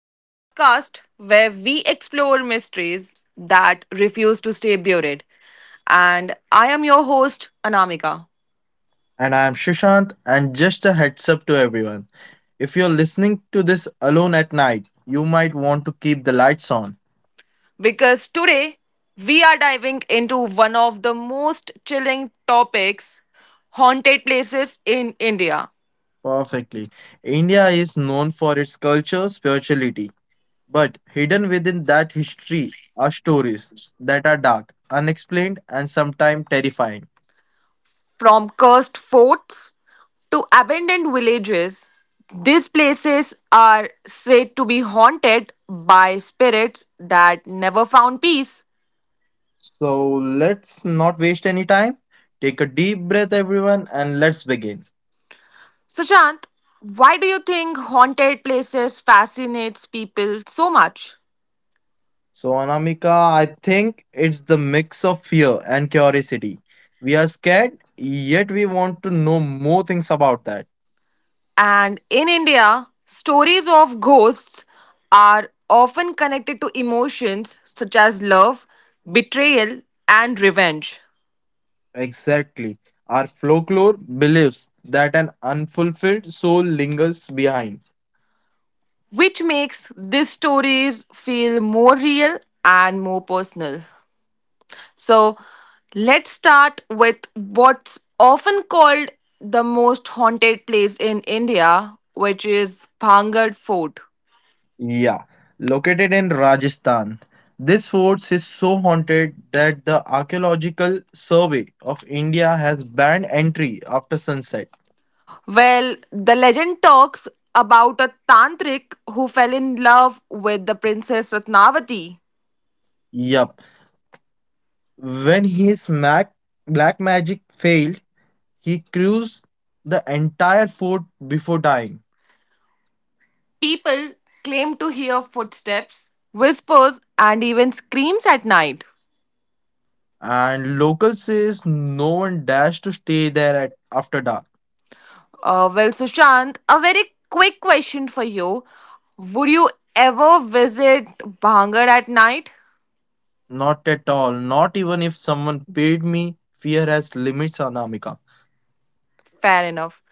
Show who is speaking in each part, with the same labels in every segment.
Speaker 1: the podcast where we explore mysteries that refuse to stay buried. And I am your host, Anamika,
Speaker 2: And I'm Shishant. And just a heads up to everyone, if you're listening to this alone at night, you might want to keep the lights on.
Speaker 1: because today we are diving into one of the most chilling topics haunted places in India.
Speaker 2: Perfectly. India is known for its culture, spirituality, but hidden within that history are stories that are dark, unexplained, and sometimes terrifying.
Speaker 1: From cursed forts to abandoned villages, these places are said to be haunted by spirits that never found peace.
Speaker 2: So let's not waste any time. Take a deep breath, everyone, and let's begin.
Speaker 1: Sushant, why do you think haunted places fascinates people so much?
Speaker 2: So, Anamika, I think it's the mix of fear and curiosity. We are scared, yet we want to know more things about that.
Speaker 1: And in India, stories of ghosts are often connected to emotions such as love, betrayal, and revenge,
Speaker 2: Exactly. Our folklore believes that an unfulfilled soul lingers behind.
Speaker 1: which makes these stories feel more real and more personal. So, let's start with what's often called the most haunted place in India, which is Bhangad Fort.
Speaker 2: Yeah, located in Rajasthan. This fort is so haunted that the Archaeological Survey of India has banned entry after sunset.
Speaker 1: Well, the legend talks about a tantric who fell in love with the princess Ratnavati.
Speaker 2: Yup. When his black magic failed, he cruised the entire fort before dying,
Speaker 1: People claim to hear footsteps, whispers, and even screams at night.
Speaker 2: and locals says no one dares to stay there at after dark.
Speaker 1: Well, Sushant, a very quick question for you. Would you ever visit Bhangar at night?
Speaker 2: Not at all. Not even if someone paid me. Fear has limits, Anamika.
Speaker 1: Fair enough.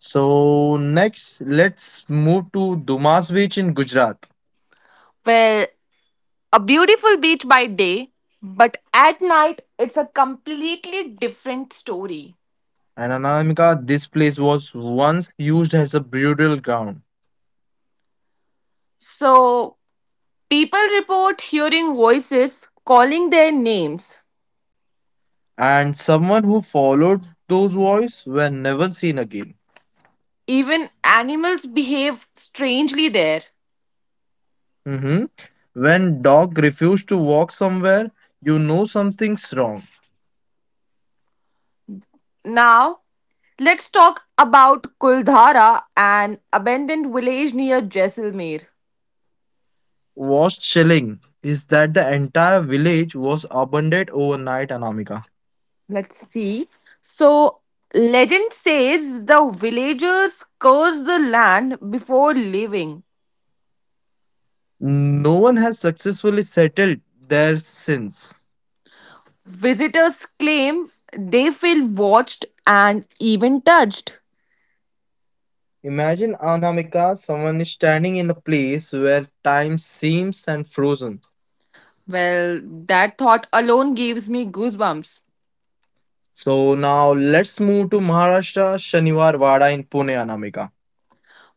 Speaker 2: So next, let's move to Dumas Beach in Gujarat.
Speaker 1: Well, a beautiful beach by day, but at night it's a completely different story.
Speaker 2: And Anamika, this place was once used as a burial ground,
Speaker 1: So, people report hearing voices calling their names.
Speaker 2: and someone who followed those voices were never seen again.
Speaker 1: Even animals behave strangely there.
Speaker 2: Hmm. When dog refuse to walk somewhere, you know something's wrong.
Speaker 1: Now, let's talk about Kuldhara, an abandoned village near Jaisalmer.
Speaker 2: What's chilling is that the entire village was abandoned overnight, Anamika.
Speaker 1: Let's see. So, legend says the villagers curse the land before leaving.
Speaker 2: No one has successfully settled there since.
Speaker 1: Visitors claim they feel watched and even touched.
Speaker 2: Imagine, Anamika, someone is standing in a place where time seems and frozen.
Speaker 1: Well, that thought alone gives me goosebumps.
Speaker 2: So now let's move to Maharashtra Shaniwar Wada in Pune, Anamika.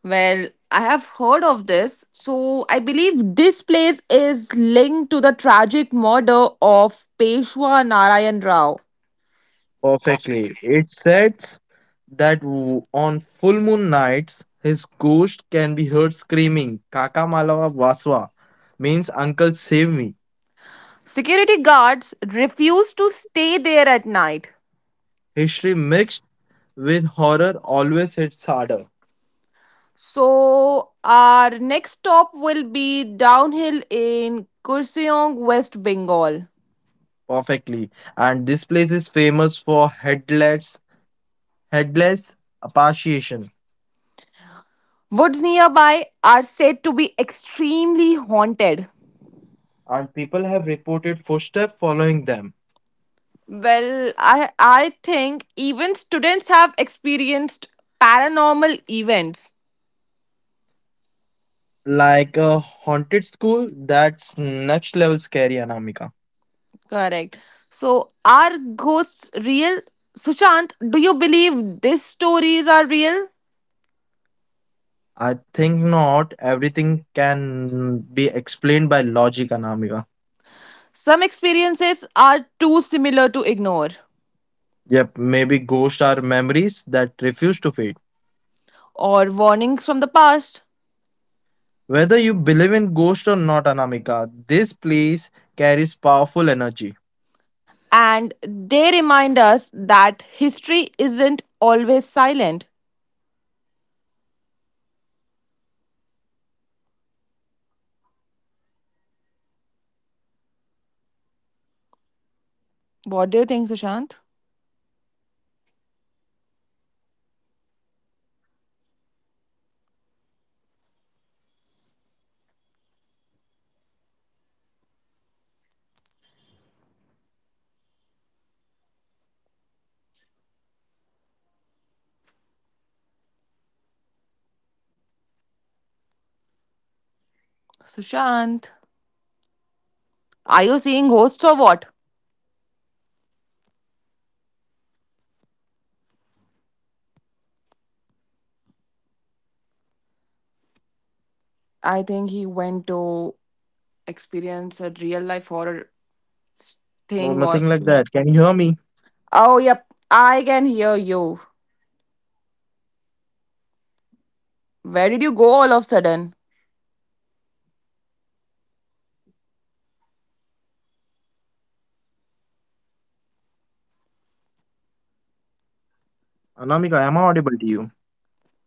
Speaker 1: Well, I have heard of this, so I believe this place is linked to the tragic murder of Peshwa Narayan Rao.
Speaker 2: Perfectly. It says that on full moon nights, his ghost can be heard screaming, Kaka Malawa Waswa, means Uncle Save Me.
Speaker 1: Security guards refused to stay there at night.
Speaker 2: History mixed with horror always hits harder.
Speaker 1: So our next stop will be downhill in Kurseong, West Bengal.
Speaker 2: Perfectly. And this place is famous for headless apparition.
Speaker 1: Woods nearby are said to be extremely haunted.
Speaker 2: And people have reported footsteps following them.
Speaker 1: Well, I think even students have experienced paranormal events.
Speaker 2: Like a haunted school, that's next level scary, Anamika.
Speaker 1: Correct. So are ghosts real? Sushant, do you believe these stories are real?
Speaker 2: I think not. Everything can be explained by logic, Anamika.
Speaker 1: Some experiences are too similar to ignore
Speaker 2: Yep, maybe ghosts are memories that refuse to fade.
Speaker 1: or warnings from the past.
Speaker 2: Whether you believe in ghosts or not, Anamika, this place carries powerful energy.
Speaker 1: And they remind us that history isn't always silent. What do you think, Sushant? Sushant, are you seeing ghosts or what? I think he went to experience a real life horror s-
Speaker 2: No,
Speaker 1: thing
Speaker 2: nothing
Speaker 1: or
Speaker 2: like that.
Speaker 1: story.
Speaker 2: Can you hear me?
Speaker 1: Oh, yep. I can hear you. Where did you go all of a sudden?
Speaker 2: Anamika, am I audible to you?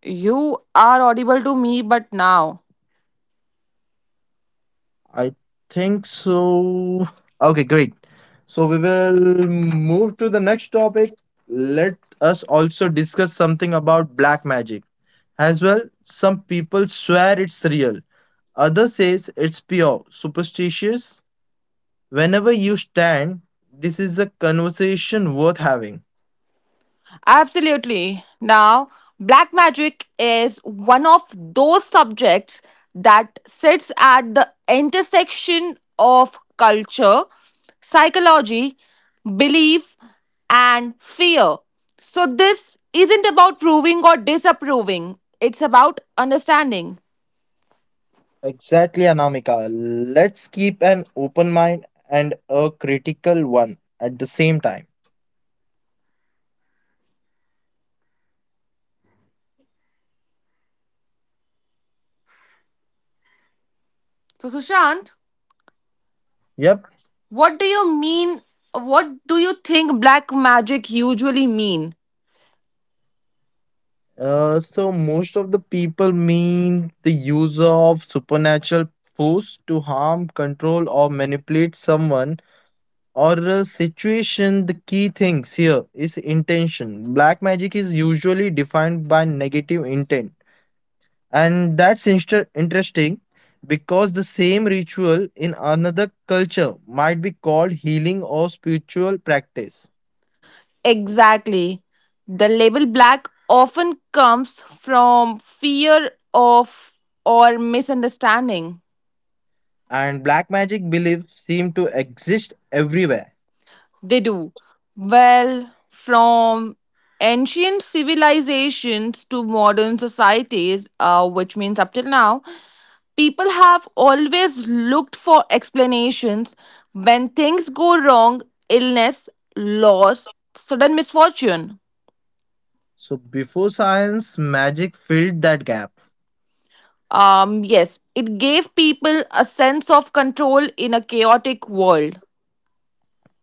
Speaker 1: You are audible to me, but now.
Speaker 2: I think so. Okay, great. So we will move to the next topic. Let us also discuss something about black magic. As well, some people swear it's real. Others says it's pure, superstitious. Whenever you stand, this is a conversation worth having.
Speaker 1: Absolutely. Now, black magic is one of those subjects that sits at the intersection of culture, psychology, belief, and fear. So, this isn't about proving or disapproving, it's about understanding.
Speaker 2: Exactly, Anamika. Let's keep an open mind and a critical one at the same time.
Speaker 1: So, Sushant,
Speaker 2: Yep.
Speaker 1: what do you mean? What do you think black magic usually mean?
Speaker 2: So most of the people mean the use of supernatural force to harm, control, or manipulate someone or a situation. The key things here is intention. Black magic is usually defined by negative intent, and that's interesting because the same ritual in another culture might be called healing or spiritual practice.
Speaker 1: Exactly. The label black often comes from fear of or misunderstanding.
Speaker 2: And black magic beliefs seem to exist everywhere.
Speaker 1: They do. Well, from ancient civilizations to modern societies, which means up till now, people have always looked for explanations when things go wrong, illness, loss, sudden misfortune.
Speaker 2: So before science, magic filled that gap.
Speaker 1: Yes, it gave people a sense of control in a chaotic world.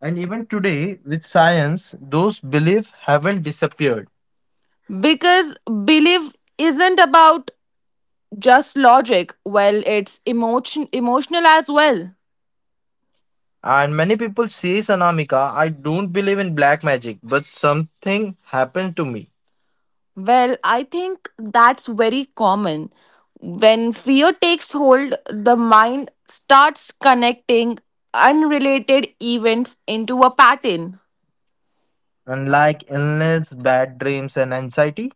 Speaker 2: And even today, with science, those beliefs haven't disappeared.
Speaker 1: Because belief isn't about just logic, well, it's emotional as well.
Speaker 2: And many people say, Sanamika, I don't believe in black magic, but something happened to me.
Speaker 1: Well, I think that's very common. When fear takes hold, the mind starts connecting unrelated events into a pattern.
Speaker 2: Unlike illness, bad dreams, and anxiety.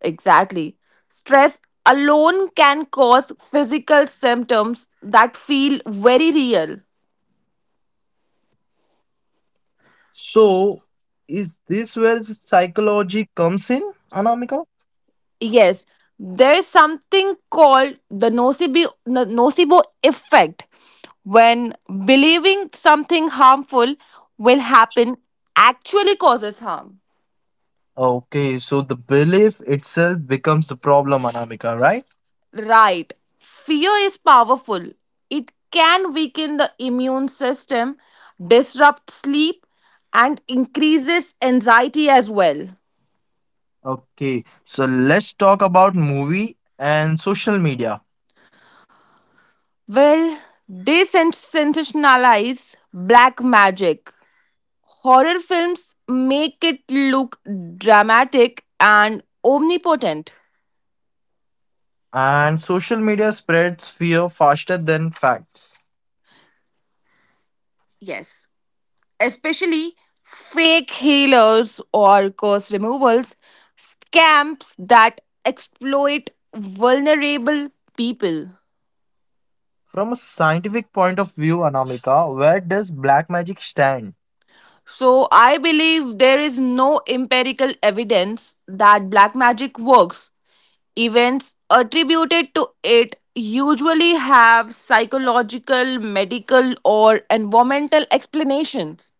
Speaker 1: Exactly. Stress alone can cause physical symptoms that feel very real.
Speaker 2: So, is this where psychology comes in, Anamika?
Speaker 1: Yes, there is something called the nocebo effect when believing something harmful will happen actually causes harm.
Speaker 2: Okay, so the belief itself becomes the problem, Anamika, right?
Speaker 1: Right. Fear is powerful. It can weaken the immune system, disrupt sleep, and increases anxiety as well.
Speaker 2: Okay, so let's talk about movie and social media.
Speaker 1: Well, they sensationalize black magic. Horror films make it look dramatic and omnipotent.
Speaker 2: And social media spreads fear faster than facts.
Speaker 1: Yes, especially fake healers or curse removals, scamps that exploit vulnerable people.
Speaker 2: From a scientific point of view, Anamika, where does black magic stand?
Speaker 1: So, I believe there is no empirical evidence that black magic works. Events attributed to it usually have psychological, medical, or environmental explanations.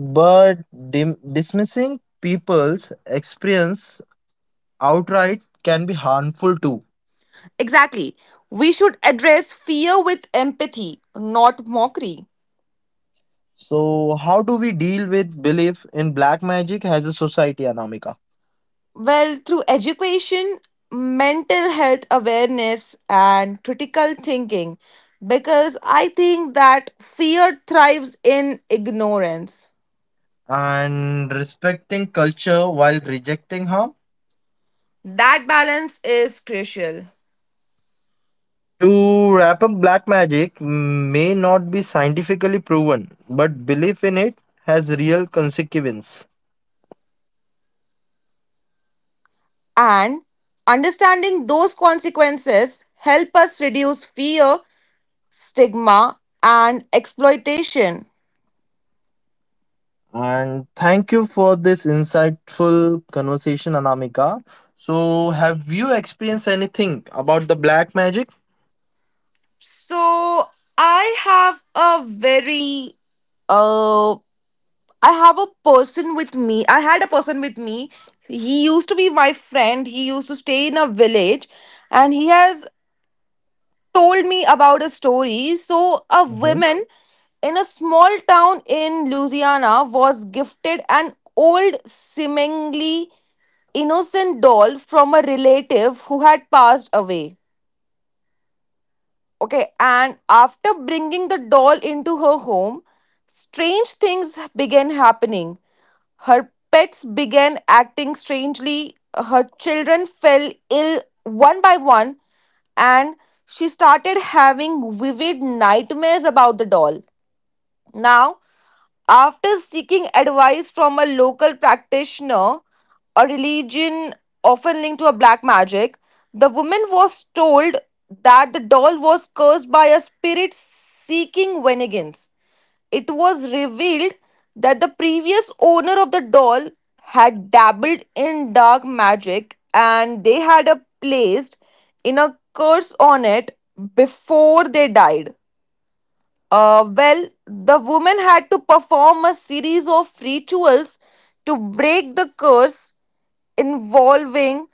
Speaker 2: But dim dismissing people's experience outright can be harmful too.
Speaker 1: Exactly. We should address fear with empathy, not mockery.
Speaker 2: So, how do we deal with belief in black magic as a society, Anamika?
Speaker 1: Well, through education, mental health awareness, and critical thinking, because I think that fear thrives in ignorance.
Speaker 2: And respecting culture while rejecting harm?
Speaker 1: That balance is crucial.
Speaker 2: To wrap up, black magic may not be scientifically proven, but belief in it has real consequence.
Speaker 1: And understanding those consequences help us reduce fear, stigma, and exploitation.
Speaker 2: And thank you for this insightful conversation, Anamika. So, have you experienced anything about the black magic?
Speaker 1: So I have a very uh I have a person with me. I had a person with me. He used to be my friend. He used to stay in a village and he has told me about a story. So, a
Speaker 2: Mm-hmm.
Speaker 1: woman in a small town in Louisiana was gifted an old, seemingly innocent doll from a relative who had passed away. Okay, and after bringing the doll into her home, strange things began happening. Her pets began acting strangely, her children fell ill one by one, and she started having vivid nightmares about the doll. Now, after seeking advice from a local practitioner, a religion often linked to a black magic, the woman was told that the doll was cursed by a spirit seeking vengeance. It was revealed that the previous owner of the doll had dabbled in dark magic and they had a placed in a curse on it before they died. Well, the woman had to perform a series of rituals to break the curse involving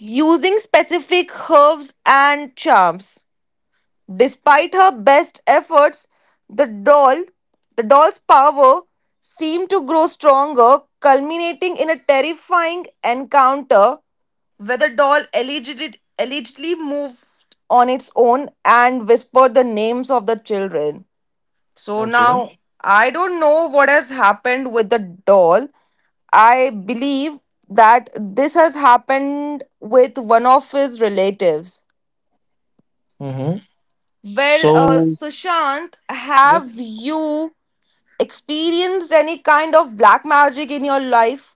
Speaker 1: using specific herbs and charms. Despite her best efforts, the doll, the doll's power seemed to grow stronger, culminating in a terrifying encounter where the doll allegedly moved on its own and whispered the names of the children. So
Speaker 2: Okay.
Speaker 1: now I don't know what has happened with the doll. I believe that this has happened with one of his relatives.
Speaker 2: Mm-hmm.
Speaker 1: Well,
Speaker 2: So,
Speaker 1: Sushant,
Speaker 2: yep.
Speaker 1: have you experienced any kind of black magic in your life?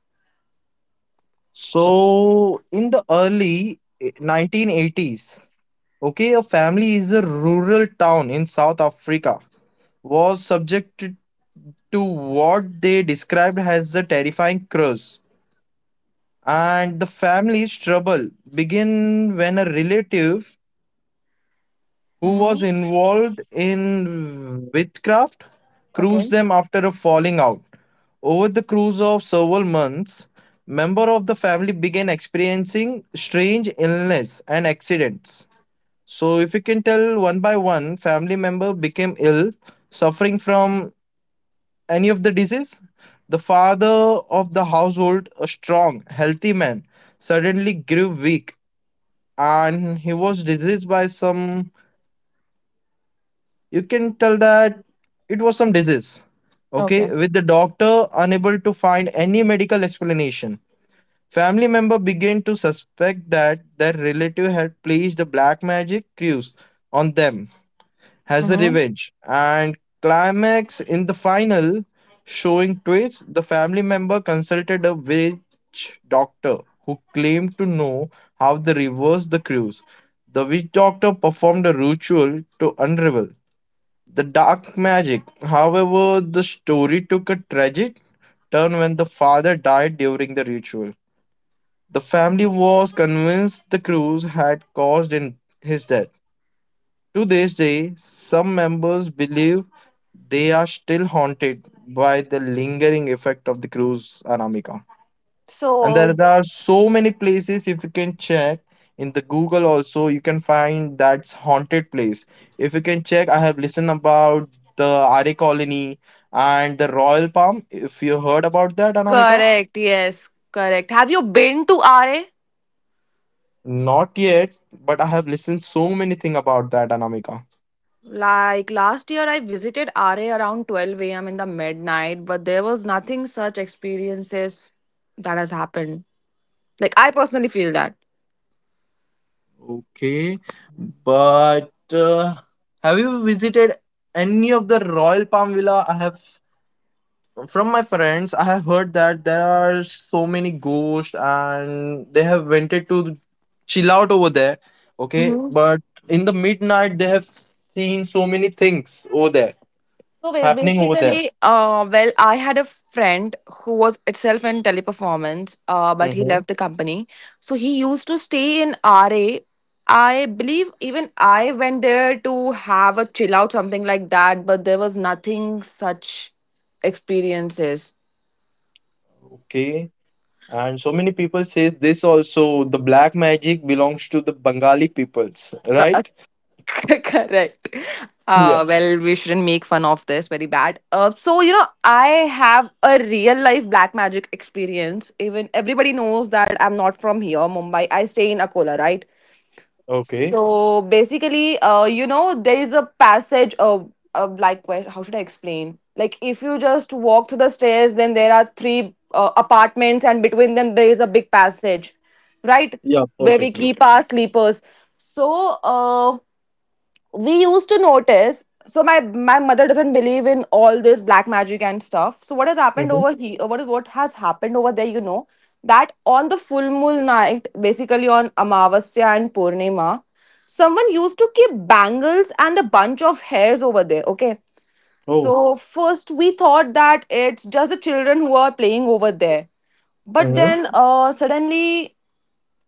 Speaker 2: So, in the early 1980s, okay, a family is a rural town in South Africa was subjected to what they described as the terrifying curse. And the family's trouble begin when a relative who was
Speaker 1: Mm-hmm.
Speaker 2: involved in witchcraft, cruised
Speaker 1: Okay.
Speaker 2: them after a falling out. Over the cruise of several months, member of the family began experiencing strange illness and accidents. So, if you can tell one by one, family member became ill, suffering from any of the disease. The father of the household, a strong, healthy man, suddenly grew weak, and he was diseased by some, you can tell that it was some disease. Okay,
Speaker 1: Okay.
Speaker 2: with the doctor unable to find any medical explanation, family member began to suspect that their relative had placed the black magic curse on them as a
Speaker 1: Mm-hmm.
Speaker 2: revenge. And climax in the final, showing twist, the family member consulted a witch doctor who claimed to know how to reverse the curse. The witch doctor performed a ritual to unravel the Dark Magic. However, the story took a tragic turn when the father died during the ritual. The family was convinced the cruise had caused in his death. To this day, some members believe they are still haunted by the lingering effect of the cruise, Anamika. And there
Speaker 1: So,
Speaker 2: are so many places, if you can check in the Google also, you can find that's haunted place. If you can check, I have listened about the Arya Colony and the Royal Palm, if you heard about that, Anamika.
Speaker 1: correct. Yes, correct. Have you been to RA?
Speaker 2: Not yet, but I have listened so many thing about that, Anamika.
Speaker 1: Like last year, I visited RA around 12 a.m. in the midnight, but there was nothing such experiences that has happened. Like, I personally feel that.
Speaker 2: Okay, but have you visited any of the Royal Palm villa? I have, from my friends, I have heard that there are so many ghosts and they have wanted to chill out over there. Okay, but in the midnight they have seen so many things over there
Speaker 1: So
Speaker 2: happening over there.
Speaker 1: basically, well, I had a friend who was itself in teleperformance, but he
Speaker 2: Mhm.
Speaker 1: left the company. So he used to stay in RA. I believe even I went there to have a chill out, something like that, but there was nothing such experiences.
Speaker 2: Okay, and so many people say this also, the black magic belongs to the Bengali peoples, right?
Speaker 1: Correct.
Speaker 2: Yeah.
Speaker 1: Well, we shouldn't make fun of this very bad. So you know, I have a real life black magic experience. Even everybody knows that I'm not from here, Mumbai. I stay in Akola, right?
Speaker 2: Okay.
Speaker 1: So basically, you know, there is a passage of like, where- how should I explain? Like, if you just walk through the stairs, then there are three apartments, and between them there is a big passage, right?
Speaker 2: Yeah,
Speaker 1: Where we
Speaker 2: perfectly.
Speaker 1: keep our sleepers. So, we used to notice, so my mother doesn't believe in all this black magic and stuff. So what has happened
Speaker 2: Hmm.
Speaker 1: over here, what is what has happened over there, you know, that on the full moon night, basically on amavasya and purnima, someone used to keep bangles and a bunch of hairs over there. Okay,
Speaker 2: Oh.
Speaker 1: so first we thought that it's just the children who are playing over there, but
Speaker 2: Hmm.
Speaker 1: then suddenly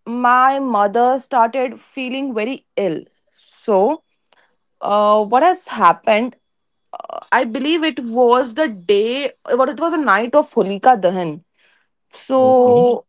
Speaker 1: my mother started feeling very ill. So what has happened? I believe it was the day, or it was a night of Holika Dahan.
Speaker 2: Okay.
Speaker 1: So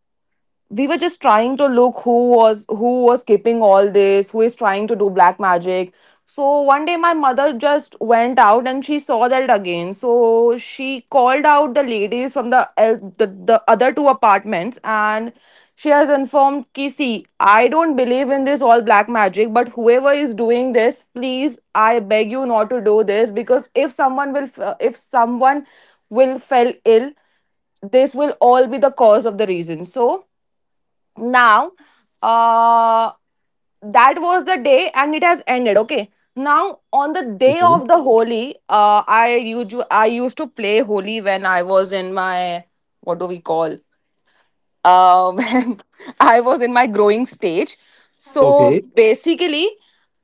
Speaker 1: we were just trying to look who was keeping all this, who is trying to do black magic. So one day my mother just went out and she saw that again, so she called out the ladies from the other two apartments, and she has informed ki, see, I don't believe in this all black magic, but whoever is doing this, please, I beg you not to do this, because if if someone will fell ill, this will all be the cause of the reason. So now uh that was the day and it has ended. Okay, now on the day
Speaker 2: Okay.
Speaker 1: of the holi, I usually I used to play holi when I was in my what do we call, when I was in my growing stage. So
Speaker 2: Okay.
Speaker 1: basically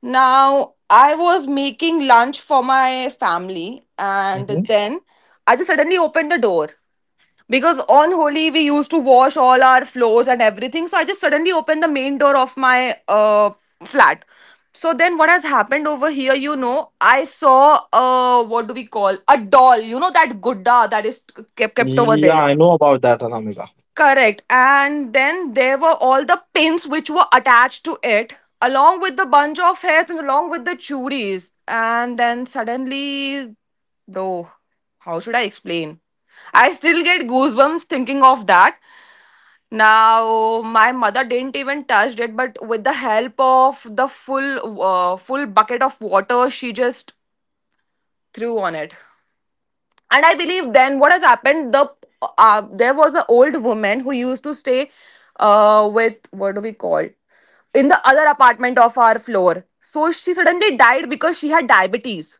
Speaker 1: now I was making lunch for my family, and
Speaker 2: Hmm.
Speaker 1: then I just suddenly opened the door because on Holi we used to wash all our floors and everything. So I just suddenly opened the main door of my flat. So then what has happened over here, you know, I saw, what do we call, a doll, you know, that gudda that is kept over there.
Speaker 2: Yeah, I know about that, Anamika.
Speaker 1: Correct. And then there were all the pins which were attached to it, along with the bunch of hairs and along with the churis. And then suddenly, bro, how should I explain? I still get goosebumps thinking of that. Now, my mother didn't even touch it, but with the help of the full, full bucket of water, she just threw on it. And I believe then what has happened, the there was an old woman who used to stay with what do we call, in the other apartment of our floor. So she suddenly died because she had diabetes,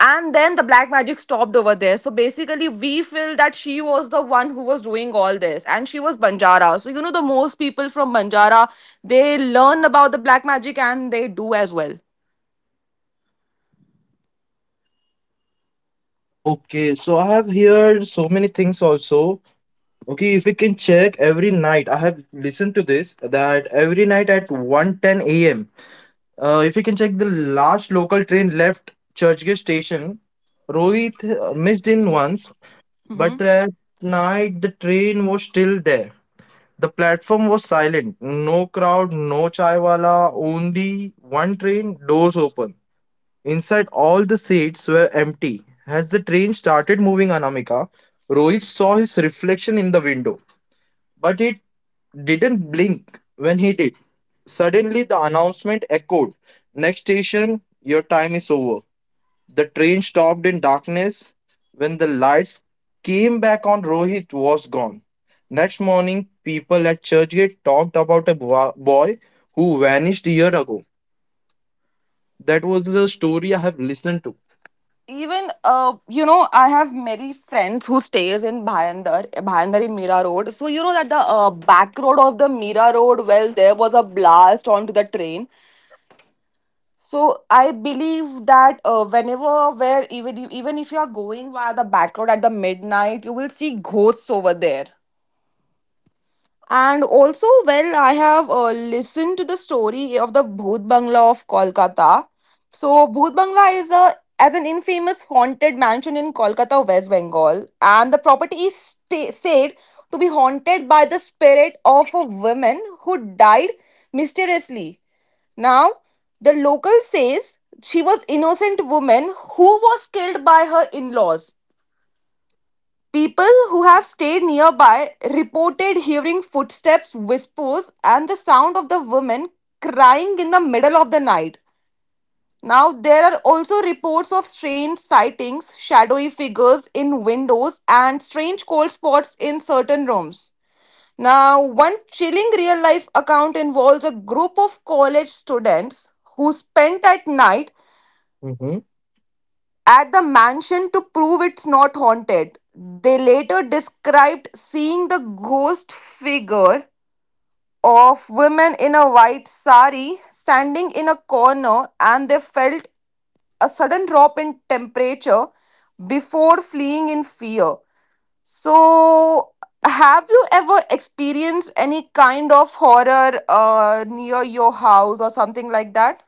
Speaker 1: and then the black magic stopped over there. So basically we feel that she was the one who was doing all this, and she was banjara. So you know the most people from banjara, they learn about the black magic and they do as well.
Speaker 2: Okay, so I have heard so many things also. Okay, if we can check every night, I have listened to this that every night at 1:10 a.m. If we can check, the last local train left Churchgate station, Rohit missed in once,
Speaker 1: Mm-hmm.
Speaker 2: but at night the train was still there. The platform was silent, no crowd, no chai wala, only one train, doors open. Inside, all the seats were empty. As the train started moving, Anamika, Rohit saw his reflection in the window, but it didn't blink when he did. Suddenly, the announcement echoed: next station, your time is over. The train stopped in darkness. When the lights came back on, Rohit was gone. Next morning, people at Churchgate talked about a boy who vanished a year ago. That was the story I have listened to.
Speaker 1: Even you know, I have many friends who stays in Bhayandar. In Mira Road, so you know that the back road of the Mira Road, well, there was a blast onto the train. So I believe that whenever, where, even if you are going via the back road at the midnight, you will see ghosts over there. And also, well, I have listened to the story of the Bhut Bangla of Kolkata. So, Bhut Bangla is a as an infamous haunted mansion in Kolkata, West Bengal, and the property is said to be haunted by the spirit of a woman who died mysteriously. Now, the local says she was innocent woman who was killed by her in-laws. People who have stayed nearby reported hearing footsteps, whispers, and the sound of the women crying in the middle of the night. Now, there are also reports of strange sightings, shadowy figures in windows, and strange cold spots in certain rooms. Now, one chilling real life account involves a group of college students who spent at night at the mansion to prove it's not haunted. They later described seeing the ghost figure of women in a white sari standing in a corner and they felt a sudden drop in temperature before fleeing in fear. So, have you ever experienced any kind of horror near your house or something like that?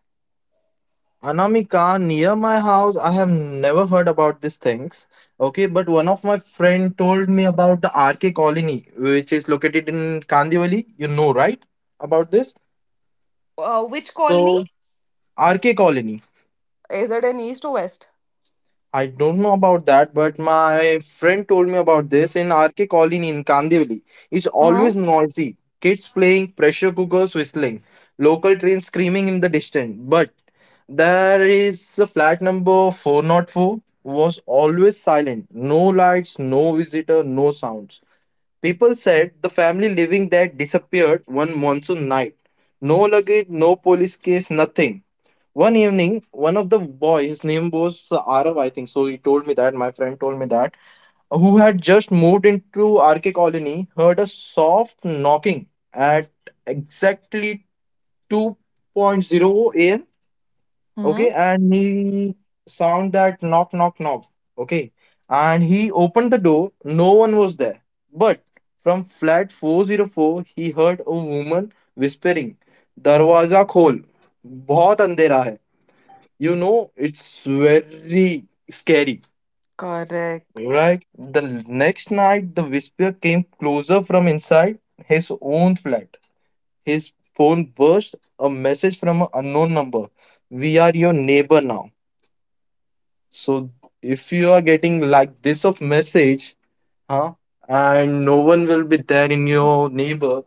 Speaker 2: Anamika, near my house, I have never heard about these things. Okay, but one of my friend told me about the RK Colony, which is located in Kandivali. You know, right? About this.
Speaker 1: Which colony?
Speaker 2: So RK Colony.
Speaker 1: Is it in east or west?
Speaker 2: I don't know about that, but my friend told me about this in RK Colony in Kandivali. It's
Speaker 1: Uh-huh.
Speaker 2: always noisy. Kids playing, pressure cookers whistling, local trains screaming in the distance. But there is a flat number 404 was always silent. No lights, no visitor, no sounds. People said the family living there disappeared one monsoon night. No luggage, no police case, nothing. One evening, one of the boy, his name was Arav, I think. So he told me that, my friend told me that, who had just moved into RK Colony, heard a soft knocking at exactly two point zero a.m.
Speaker 1: Hmm?
Speaker 2: Okay, and he sound that knock, knock, knock. Okay, and he opened the door. No one was there. But from flat 404, he heard a woman whispering, "दरवाजा खोल, बहुत अंधेरा है." You know, it's very scary,
Speaker 1: Correct.
Speaker 2: right? The next night, the whisper came closer from inside his own flat. His phone burst a message from an unknown number. We are your neighbor now. So if you are getting like this of message, huh? And no one will be there in your neighbor,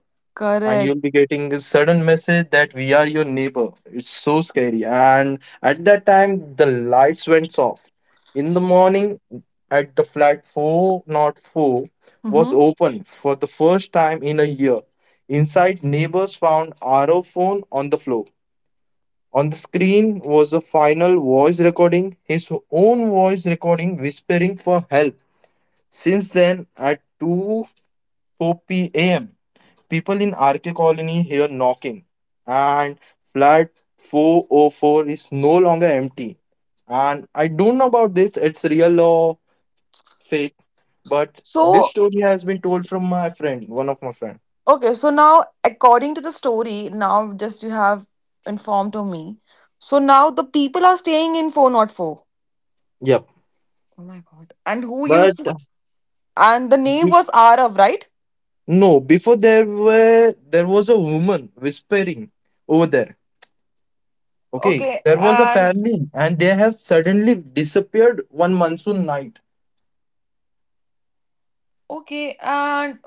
Speaker 2: and
Speaker 1: Correct.
Speaker 2: you'll be getting a sudden message that we are your neighbor. It's so scary. And at that time, the lights went off. In the
Speaker 1: S-
Speaker 2: morning, at the flat four, not four, was
Speaker 1: mhm.
Speaker 2: open for the first time in a year. Inside, neighbors found RO phone on the floor. On the screen was a final voice recording, his own voice recording whispering for help. Since then, at two four p.m., people in RK Colony hear knocking, and flat 404 is no longer empty. And I don't know about this, it's real or fake, but this
Speaker 1: So,
Speaker 2: story has been told from my friend, one of my friend.
Speaker 1: okay, so now according to the story, now just you have informed to me. So now the people are staying in four not four.
Speaker 2: Yep.
Speaker 1: Oh my god. And who used
Speaker 2: But
Speaker 1: to, and the name
Speaker 2: be-
Speaker 1: was Arav, right?
Speaker 2: no, before there was a woman whispering over there. Okay,
Speaker 1: Okay,
Speaker 2: there was a
Speaker 1: and
Speaker 2: family, and they have suddenly disappeared one monsoon night.
Speaker 1: okay, and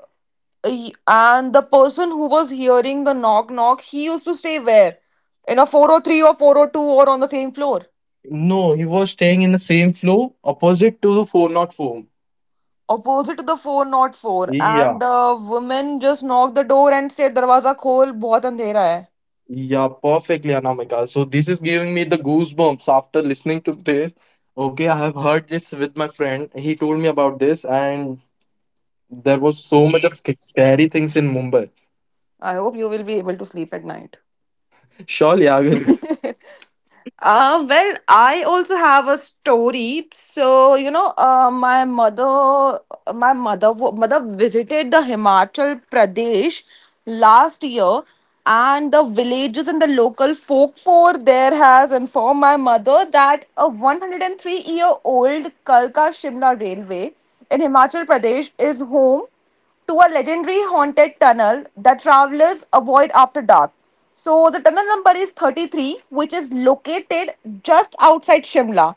Speaker 1: and the person who was hearing the knock knock, he used to stay where? In a 403 or 402 or on the same floor?
Speaker 2: No, he was staying in the same floor opposite to the 404.
Speaker 1: Opposite to the four not four, and
Speaker 2: Yeah,
Speaker 1: the woman just knocked the door and said darwaza khol bahut andhera hai.
Speaker 2: yeah, perfectly, Anamika. So this is giving me the goosebumps after listening to this. Okay, I have heard this with my friend. He told me about this, and there was so much of scary things in Mumbai.
Speaker 1: I hope you will be able to sleep at night.
Speaker 2: Surely I will.
Speaker 1: Well, I also have a story. So, you know, my mother, mother visited the Himachal Pradesh last year, and the villages and the local folk for there has informed my mother that a 103 year old Kalka Shimla railway in Himachal Pradesh is home to a legendary haunted tunnel that travelers avoid after dark. So the tunnel number is 33, which is located just outside Shimla,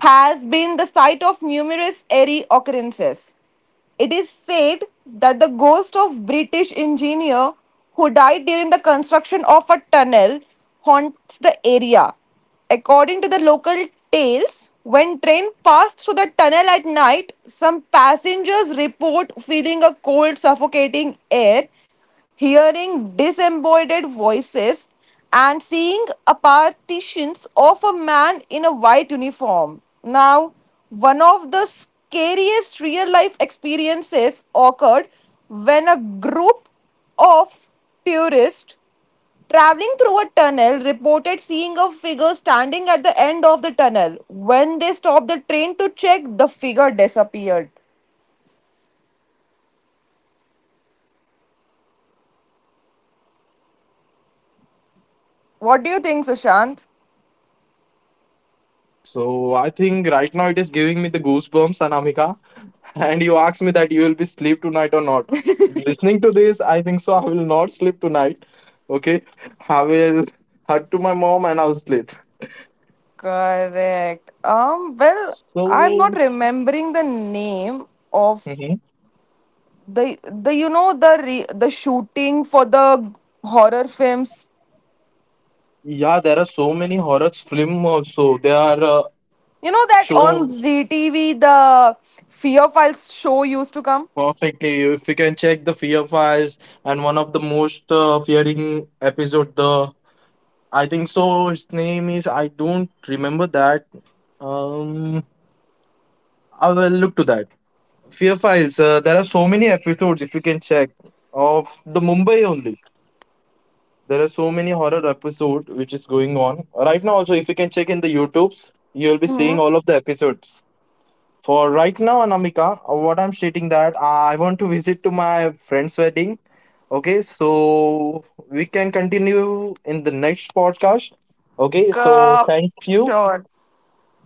Speaker 1: has been the site of numerous eerie occurrences. It is said that the ghost of British engineer who died during the construction of a tunnel haunts the area. According to the local tales, when train passed through the tunnel at night, some passengers report feeling a cold suffocating air, hearing disembodied voices and seeing a partitions of a man in a white uniform. Now, one of the scariest real life experiences occurred when a group of tourists traveling through a tunnel reported seeing a figure standing at the end of the tunnel. When they stopped the train to check, the figure disappeared. What do you think, Sushant?
Speaker 2: So I think right now it is giving me the goosebumps, Anamika. And you asked me that you will be sleep tonight or not. Listening to this, I think so. I will not sleep tonight. Okay, I will hug to my mom and I'll sleep.
Speaker 1: Correct. Well, I'm not
Speaker 2: So.
Speaker 1: remembering the name of
Speaker 2: Mm-hmm.
Speaker 1: the you know the shooting for the horror films.
Speaker 2: Yeah, there are so many horror film also. They are
Speaker 1: You know that on
Speaker 2: shown
Speaker 1: ZTV the fear files show used to come.
Speaker 2: perfectly. If you can check the Fear Files, and one of the most fearing episode, the I think so. His name is, I don't remember that. Um, I will look to that. Fear Files. There are so many episodes if you can check of the Mumbai only. There are so many horror episode which is going on right now. Also, if you can check in the YouTubes, you'll be seeing
Speaker 1: Hmm.
Speaker 2: all of the episodes. For right now, Anamika, what I'm stating that I want to visit to my friend's wedding. Okay, so we can continue in the next podcast. Okay, so
Speaker 1: Cor-
Speaker 2: thank you
Speaker 1: sure.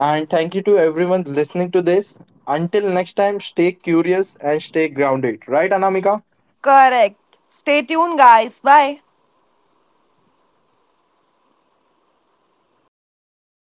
Speaker 2: and thank you to everyone listening to this. Until next time, stay curious and stay grounded. Right, Anamika?
Speaker 1: Correct. Stay tuned guys, bye.